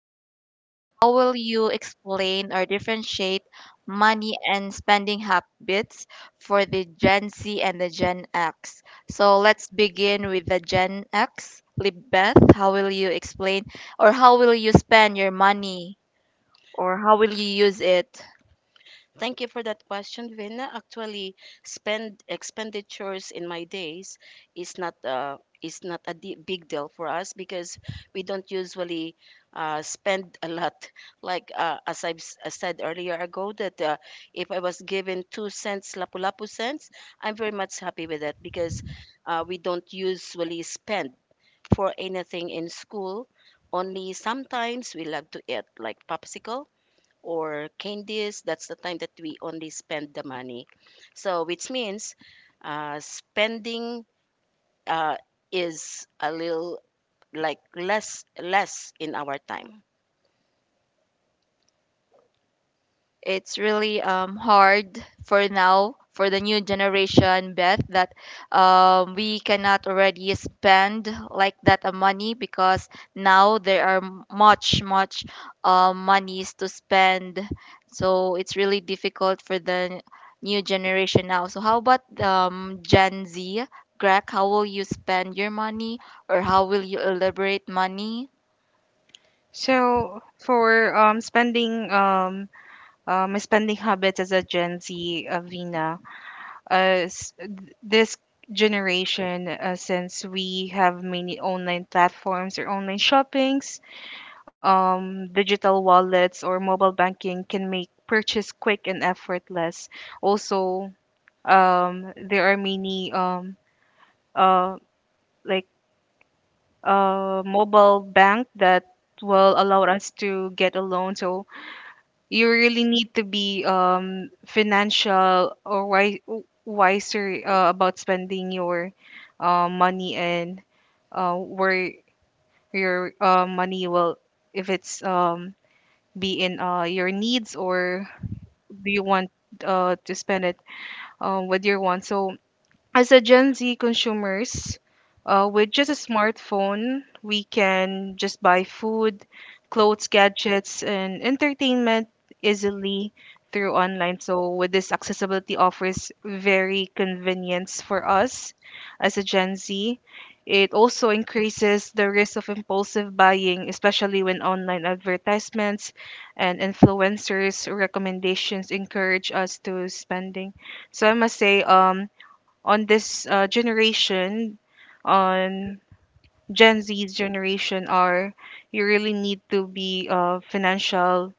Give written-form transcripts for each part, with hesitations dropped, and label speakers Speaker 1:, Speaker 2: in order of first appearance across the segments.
Speaker 1: this one? How will you explain or differentiate money and spending habits for the Gen Z and the Gen X? So let's begin with the Gen X. Libeth, how will you explain or how will you spend your money or how will you use it?
Speaker 2: Thank you for that question, Vina. Actually, spend expenditures in my days is not a big deal for us because we don't usually spend a lot. Like as I said earlier ago, that if I was given 2 cents lapu-lapu cents, I'm very much happy with that because we don't usually spend for anything in school. Only sometimes we love to eat like popsicle or candies. That's the time that we only spend the money. So, which means spending uh, is a little like less in our time.
Speaker 1: It's really hard for now for the new generation, Beth, that we cannot already spend like that money because now there are much monies to spend. So it's really difficult for the new generation now. So how about Gen Z? Greg, how will you spend your money or how will you elaborate money?
Speaker 3: So for spending my spending habits as a Gen Z, Vina, this generation, since we have many online platforms or online shoppings, digital wallets or mobile banking can make purchase quick and effortless. Also, there are many uh like mobile bank that will allow us to get a loan. So you really need to be wiser about spending your money, and where your money will, if it's be in your needs, or do you want to spend it with your wants. So as a Gen Z consumers, with just a smartphone, we can just buy food, clothes, gadgets, and entertainment easily through online. So, with this accessibility offers very convenience for us as a Gen Z. It also increases the risk of impulsive buying, especially when online advertisements and influencers' recommendations encourage us to spending. So I must say, on this generation, on Gen Z's generation, are you really need to be financial,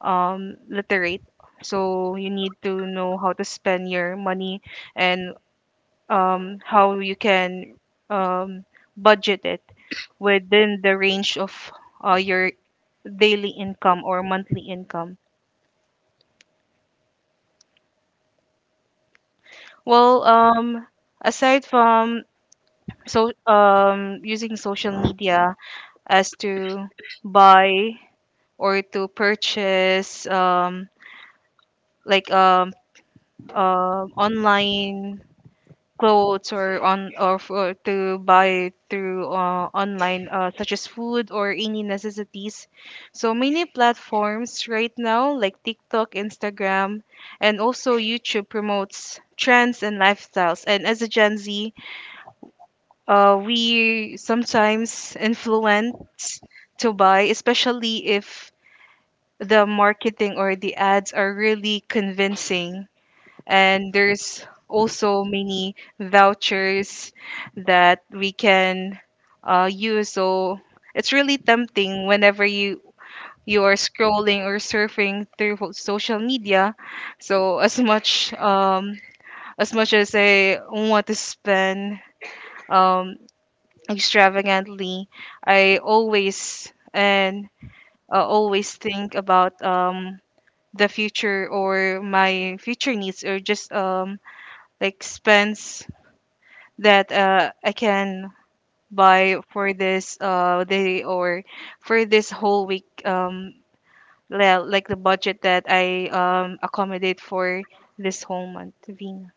Speaker 3: literate. So you need to know how to spend your money, and how you can um, budget it within the range of your daily income or monthly income. Well, aside from using social media, as to buy or to purchase like um, online clothes, or on or for, to buy through online, such as food or any necessities. So many platforms right now like TikTok, Instagram, and also YouTube promotes trends and lifestyles, and as a Gen Z, we sometimes influence to buy, especially if the marketing or the ads are really convincing. And there's also many vouchers that we can use. So it's really tempting whenever you are scrolling or surfing through social media. So as much as I want to spend um, extravagantly, I always and always think about the future or my future needs, or just like spends that I can buy for this day, or for this whole week, like the budget that I accommodate for this whole month, Vina.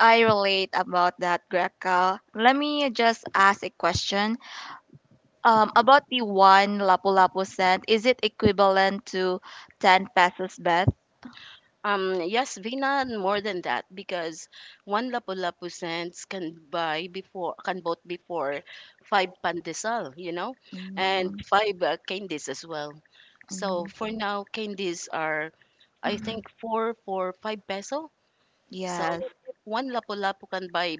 Speaker 1: I relate about that, Greca. Let me just ask a question. About the one lapu-lapu cent, is it equivalent to 10 pesos, Beth?
Speaker 2: Yes, Vina, and more than that because one lapu-lapu cents can bought before five pandesal, you know, and
Speaker 1: Mm,
Speaker 2: five candies as well. So
Speaker 1: mm,
Speaker 2: for now, candies are I think four for five peso. So,
Speaker 1: yes.
Speaker 2: if one Lapu-Lapu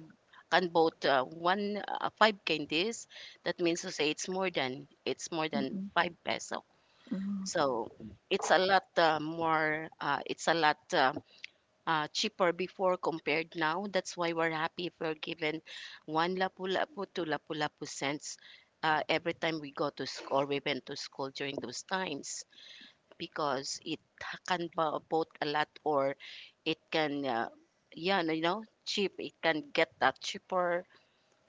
Speaker 2: can bought one five candies, that means to say it's more than
Speaker 1: Mm,
Speaker 2: five peso.
Speaker 1: mm.
Speaker 2: So it's a lot more. It's a lot cheaper before compared now. That's why we're happy if we're given one Lapu-Lapu to Lapu-Lapu cents every time we go to school or we went to school during those times because it can both a lot or it can yeah you know cheap it can get that cheaper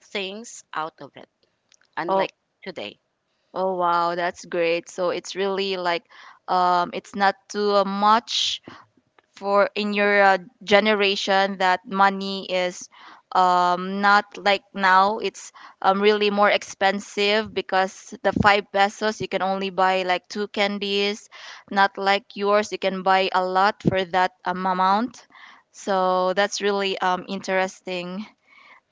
Speaker 2: things out of it,
Speaker 1: Oh,
Speaker 2: unlike today.
Speaker 1: oh wow, that's great. So it's really like, it's not too much for in your generation, that money is not like now. It's really more expensive because the five pesos you can only buy like two candies, not like yours. You can buy a lot for that amount. So that's really interesting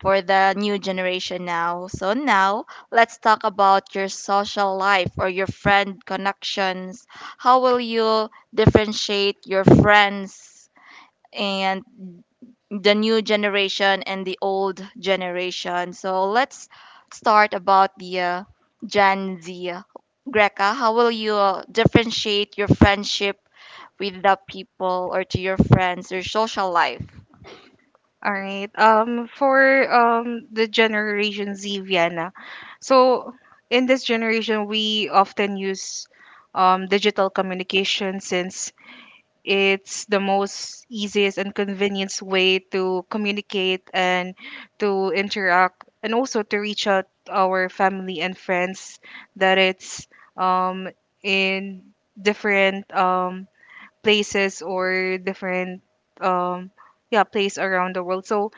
Speaker 1: for the new generation now. So now let's talk about your social life or your friend connections. How will you differentiate your friends and the new generation and the old generation? So let's start about the Gen Z. Greca, how will you differentiate your friendship with the people or to your friends, your social life?
Speaker 3: All right. For the Generation Z, Vienna. So in this generation, we often use digital communication, since it's the most easiest and convenience way to communicate, and to interact, and also to reach out to our family and friends that it's um, in different places, or different um, yeah place around the world. So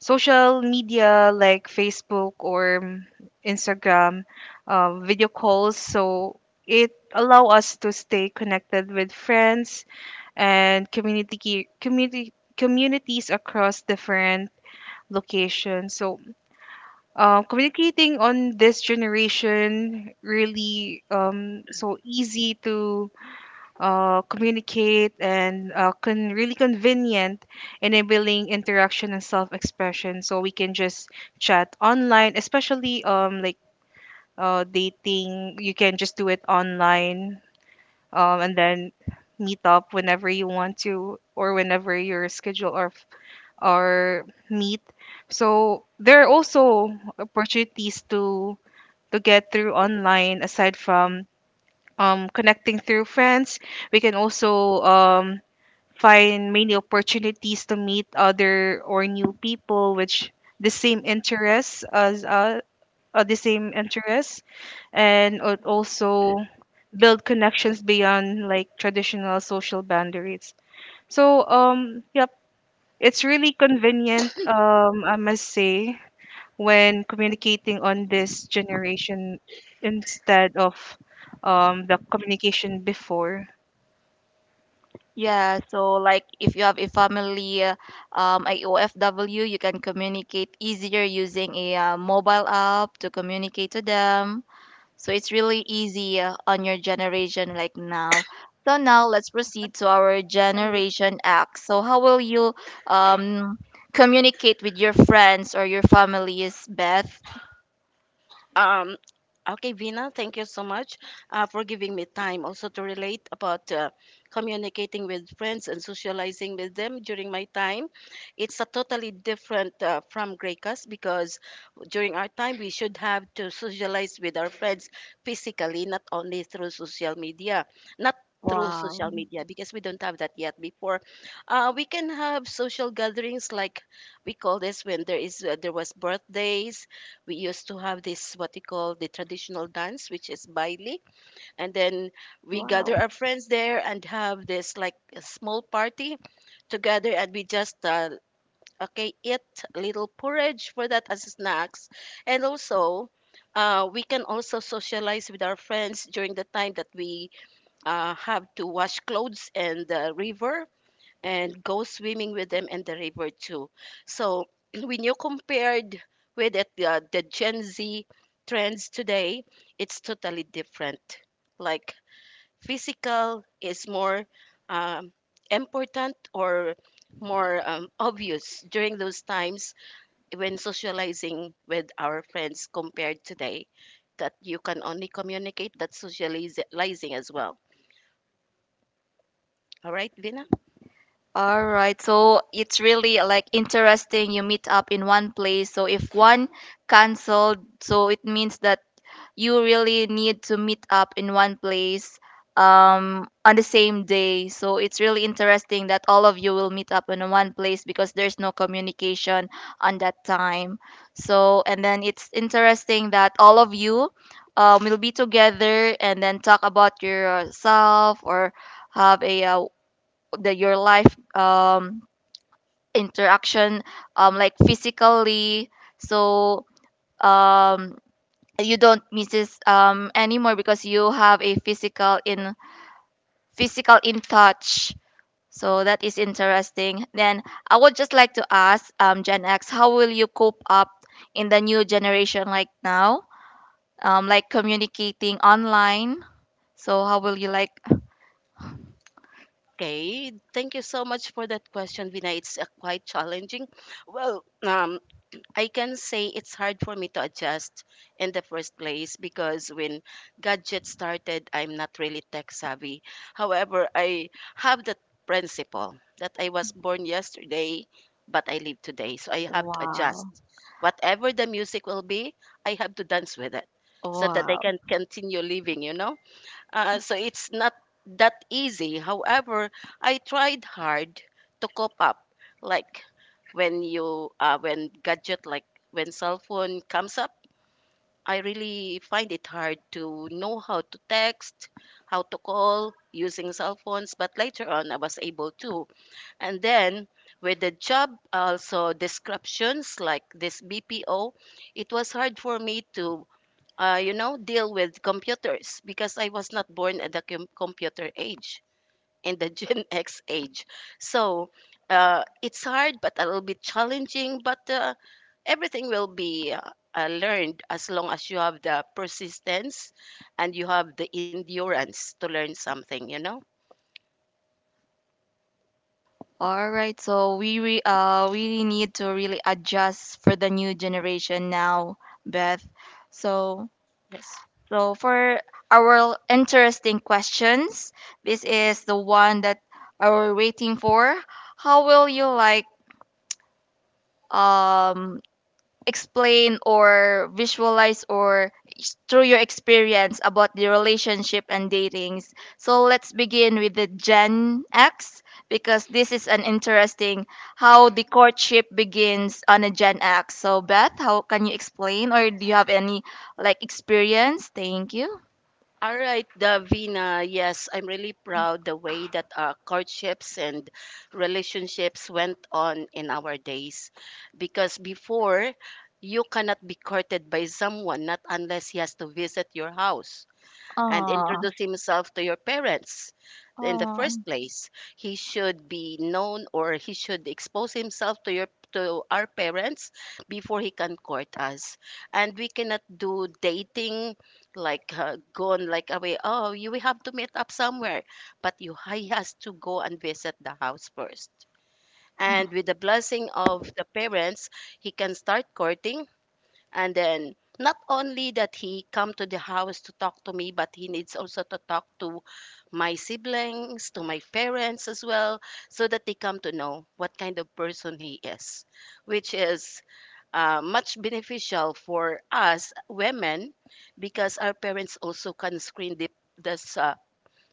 Speaker 3: social media like Facebook or Instagram, video calls. So it allow us to stay connected with friends and community ki- community communities across different locations. So communicating on this generation really so easy to communicate, and really convenient, enabling interaction and self-expression. So we can just chat online, especially dating. You can just do it online, and then meet up whenever you want to, or whenever your schedule or meet. So there are also opportunities to get through online, aside from connecting through friends. We can also find many opportunities to meet other or new people which the same interests as us, the same interests, also build connections beyond like traditional social boundaries. So yep, it's really convenient, I must say, when communicating on this generation instead of the communication before.
Speaker 1: Yeah, so like if you have a family, a OFW, you can communicate easier using a mobile app to communicate to them. So it's really easy on your generation like now. So now let's proceed to our generation X. So how will you um communicate with your friends or your families, Beth?
Speaker 2: Um, okay, Vina, thank you so much for giving me time also to relate about communicating with friends and socializing with them during my time. It's a totally different from Greeka's because during our time we should have to socialize with our friends physically, not only through social media, not through
Speaker 1: Wow.
Speaker 2: social media because we don't have that yet before. We can have social gatherings like we call this when there is there was birthdays. We used to have this what you call the traditional dance which is baile, and then we gather
Speaker 1: Wow.
Speaker 2: our friends there and have this like a small party together, and we just okay eat little porridge for that as snacks, and also we can also socialize with our friends during the time that we have to wash clothes in the river and go swimming with them in the river too. So when you compared with it, the Gen Z trends today, it's totally different. Like physical is more um, important or more obvious during those times when socializing with our friends compared today that you can only communicate that socializing as well. All right, Vina?
Speaker 1: All right, so it's really like interesting, you meet up in one place. So if one canceled, so it means that you really need to meet up in one place on the same day. So it's really interesting that all of you will meet up in one place because there's no communication on that time. So and then it's interesting that all of you will be together and then talk about yourself or have a the your life interaction, like physically. So um you don't miss this anymore because you have a physical in touch. So that is interesting. Then I would just like to ask, Gen X, how will you cope up in the new generation like now, like communicating online? So how will you like,
Speaker 2: Okay, thank you so much for that question, Vina. It's quite challenging. Well, I can say it's hard for me to adjust in the first place because when gadgets started, I'm not really tech savvy. However, I have that principle that I was born yesterday, but I live today. So I have to adjust.
Speaker 1: wow,
Speaker 2: Whatever the music will be, I have to dance with it so that I
Speaker 1: wow.
Speaker 2: can continue living, you know? So it's not that easy. However, I tried hard to cope up. Like when you, when gadget, like when cell phone comes up, I really find it hard to know how to text, how to call using cell phones. But later on, I was able to. And then with the job, also descriptions like this BPO, it was hard for me to you know, deal with computers because I was not born at the computer age, in the Gen X age. So it's hard, but a little bit challenging, but everything will be learned as long as you have the persistence and you have the endurance to learn something, you know?
Speaker 1: All right, so we really need to really adjust for the new generation now, Beth. So
Speaker 2: Yes.
Speaker 1: so for our interesting questions, this is the one that are we waiting for. How will you like um explain or visualize or through your experience about the relationship and datings? So let's begin with the Gen X because this is an interesting how the courtship begins on a Gen X. So Beth, how can you explain or do you have any like experience? Thank you.
Speaker 2: All right, Davina. Yes, I'm really proud the way that our courtships and relationships went on in our days. Because before, you cannot be courted by someone, not unless he has to visit your house and
Speaker 1: Oh,
Speaker 2: introduce himself to your parents in the first
Speaker 1: oh.
Speaker 2: place. He should be known or he should expose himself to your to our parents before he can court us. And we cannot do dating like gone like away. Oh, you will have to meet up somewhere, but you he has to go and visit the house first. And with the blessing of the parents, he can start courting, and then not only that he come to the house to talk to me, but he needs also to talk to my siblings, to my parents as well, so that they come to know what kind of person he is, which is much beneficial for us women because our parents also can screen the this, uh,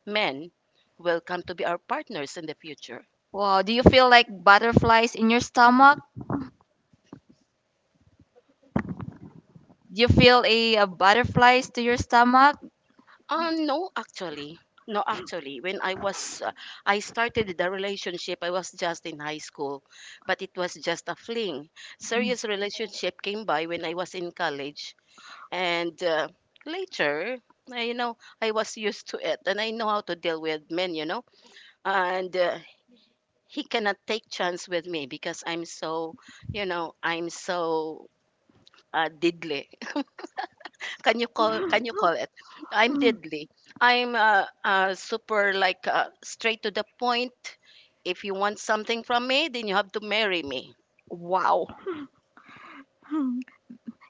Speaker 2: men who will come to be our partners in the future.
Speaker 1: Wow, do you feel like butterflies in your stomach? Do you feel a, butterflies to your stomach?
Speaker 2: No, actually. No, actually. When I was, I started the relationship, I was just in high school, but it was just a fling. Serious relationship came by when I was in college. And later, I, you know, I was used to it and I know how to deal with men, you know. And he cannot take chance with me because I'm so, you know, I'm so diddly. Can you call it? I'm deadly. I'm super like straight to the point. If you want something from me, then you have to marry me.
Speaker 1: Wow.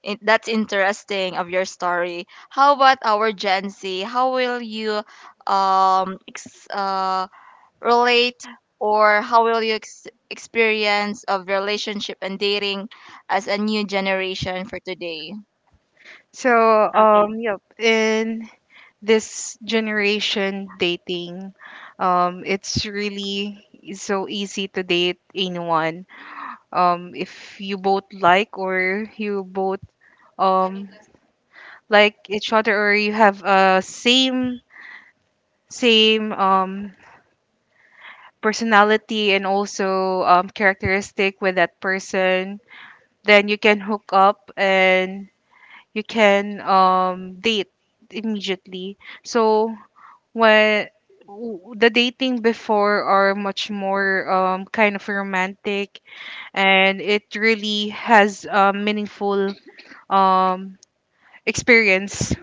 Speaker 1: In, that's interesting of your story. How about our Gen Z? How will you um ex- uh, relate or how will you experience of relationship and dating as a new generation for today?
Speaker 3: So
Speaker 2: Okay.
Speaker 3: yep, in this generation dating, it's really so easy to date anyone, if you both like, or you both um like each other, or you have a same same personality and also characteristic with that person, then you can hook up and you can date immediately. So well, the dating before are much more kind of romantic, and it really has a meaningful um, experience,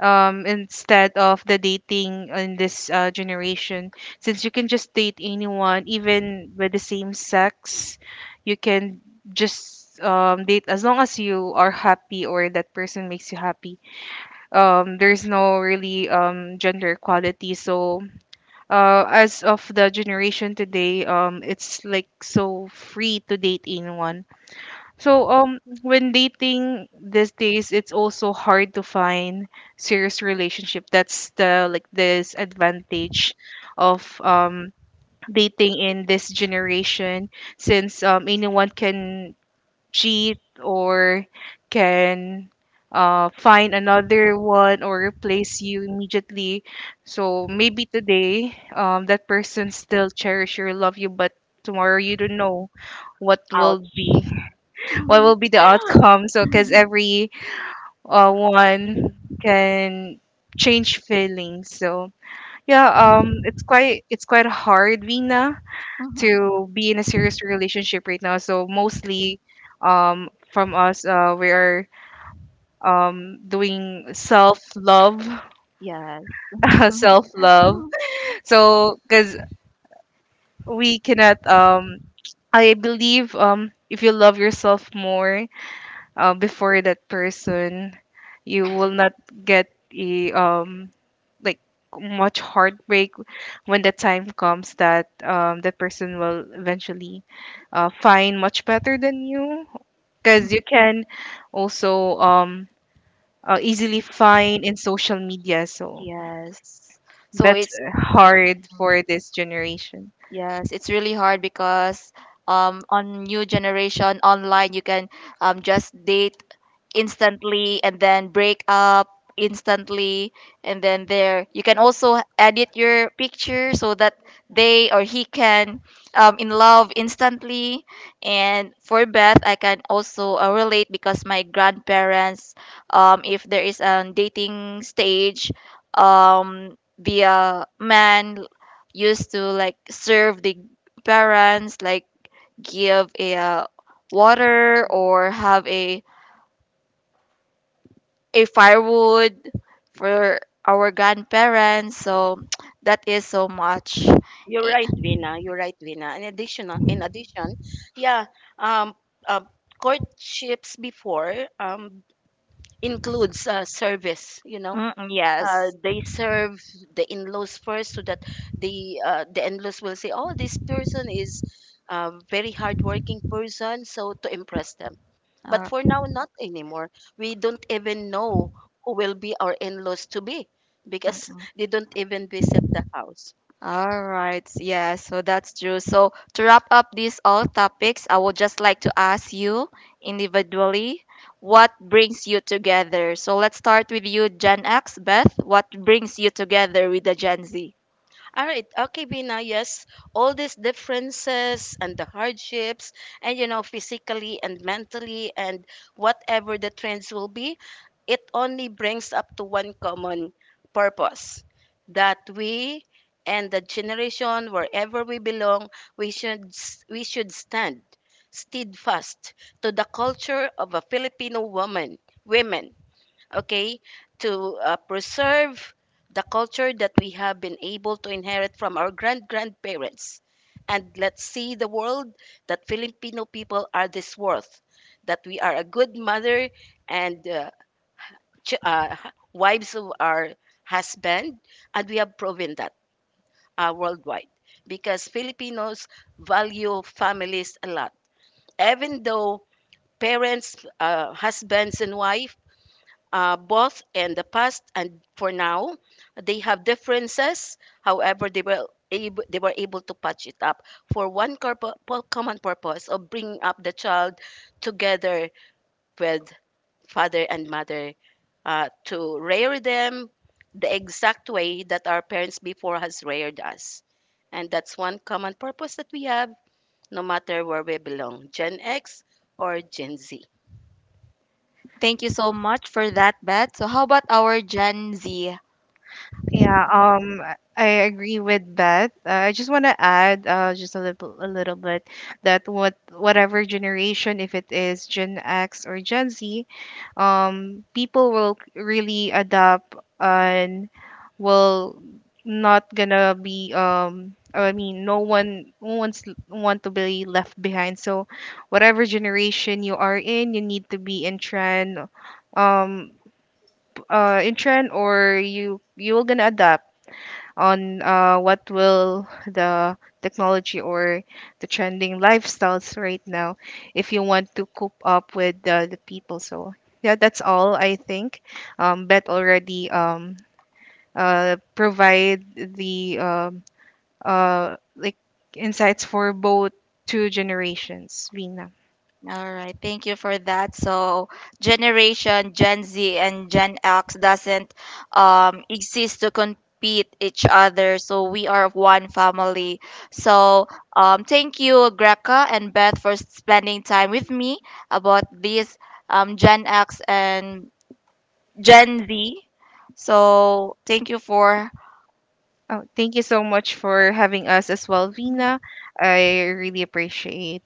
Speaker 3: instead of the dating in this generation. Since you can just date anyone, even with the same sex, you can just date as long as you are happy, or that person makes you happy. Um, there's no really gender equality. So as of the generation today, it's like so free to date anyone. So when dating these days, it's also hard to find serious relationship. That's the like this advantage of dating in this generation, since anyone can cheat, or can find another one or replace you immediately. So maybe today that person still cherish or love you, but tomorrow you don't know what will
Speaker 1: Ouch.
Speaker 3: be what will be the outcome. So because every one can change feelings. So yeah, it's quite hard, Vina, to be in a serious relationship right now. So mostly from us, we are doing self love,
Speaker 1: yes.
Speaker 3: self love. So cuz we cannot I believe if you love yourself more before that person, you will not get a like much heartbreak when the time comes that the person will eventually find much better than you, because you can also easily find in social media. So
Speaker 1: yes. So
Speaker 3: that's
Speaker 1: it's,
Speaker 3: hard for this generation.
Speaker 1: yes, it's really hard because on new generation online you can just date instantly and then break up instantly, and then there you can also edit your picture so that they or he can in love instantly. And for Beth, I can also relate because my grandparents, if there is a dating stage, the man used to like serve the parents, like give a water
Speaker 2: Mm.
Speaker 1: or have a firewood for our grandparents. So that is so much.
Speaker 2: You're
Speaker 1: Eh,
Speaker 2: right, Vina. You're right, Vina. In addition, yeah, um, uh, courtships before includes service. You know,
Speaker 1: mm, yes.
Speaker 2: they serve the in-laws first so that the in-laws will say, oh, this person is a very hardworking person, so to impress them. But
Speaker 1: Uh,
Speaker 2: for now, not anymore. We don't even know who will be our in-laws to be because
Speaker 1: mm-mm.
Speaker 2: they don't even visit the house.
Speaker 1: Right. Yeah, so that's true. So to wrap up these all topics, I would just like to ask you individually what brings you together. So let's start with you, Gen X, Beth. What brings you together with the Gen Z?
Speaker 2: All right. Okay, Bina. Yes. All these differences and the hardships, and you know, physically and mentally, and whatever the trends will be, it only brings up to one common purpose that we and the generation, wherever we belong, we should stand steadfast to the culture of a Filipino woman, women, okay, to preserve the culture that we have been able to inherit from our grandparents. And let's see the world that Filipino people are this worth, that we are a good mother and wives of our husband, and we have proven that worldwide because Filipinos value families a lot. Even though parents, husbands, and wife both in the past and for now, they have differences. However, they were able to patch it up for one common purpose of bringing up the child together with father and mother to rear them the exact way that our parents before has reared us. And that's one common purpose that we have, no matter where we belong, Gen X or Gen Z.
Speaker 1: Thank you so much for that, Beth. So how about our Gen Z?
Speaker 3: Yeah, I agree with that. I just want to add just a little bit, that what whatever generation, if it is Gen X or Gen Z, people will really adapt, and will not gonna be I mean no one's want to be left behind. So whatever generation you are in, you need to be in trend, um in trend, or you will gonna adapt on what will the technology or the trending lifestyles right now, if you want to cope up with the people. So yeah, that's all I think. Bet already provide the like insights for both two generations, Vina.
Speaker 1: All right, thank you for that. So, generation Gen Z and Gen X doesn't exist to compete each other. So we are one family. So thank you, Greca and Beth, for spending time with me about this Gen X and Gen Z. So thank you for
Speaker 3: Oh, thank you so much for having us as well, Vina. I really appreciate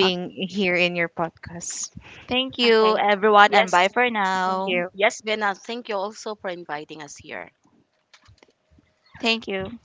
Speaker 1: uh,
Speaker 3: here in your podcast.
Speaker 1: thank you
Speaker 2: Okay.
Speaker 1: everyone, and
Speaker 2: Yes.
Speaker 1: bye for
Speaker 3: Thank
Speaker 1: now.
Speaker 3: you.
Speaker 2: Yes, Vena, thank you also for inviting us here.
Speaker 1: Thank you.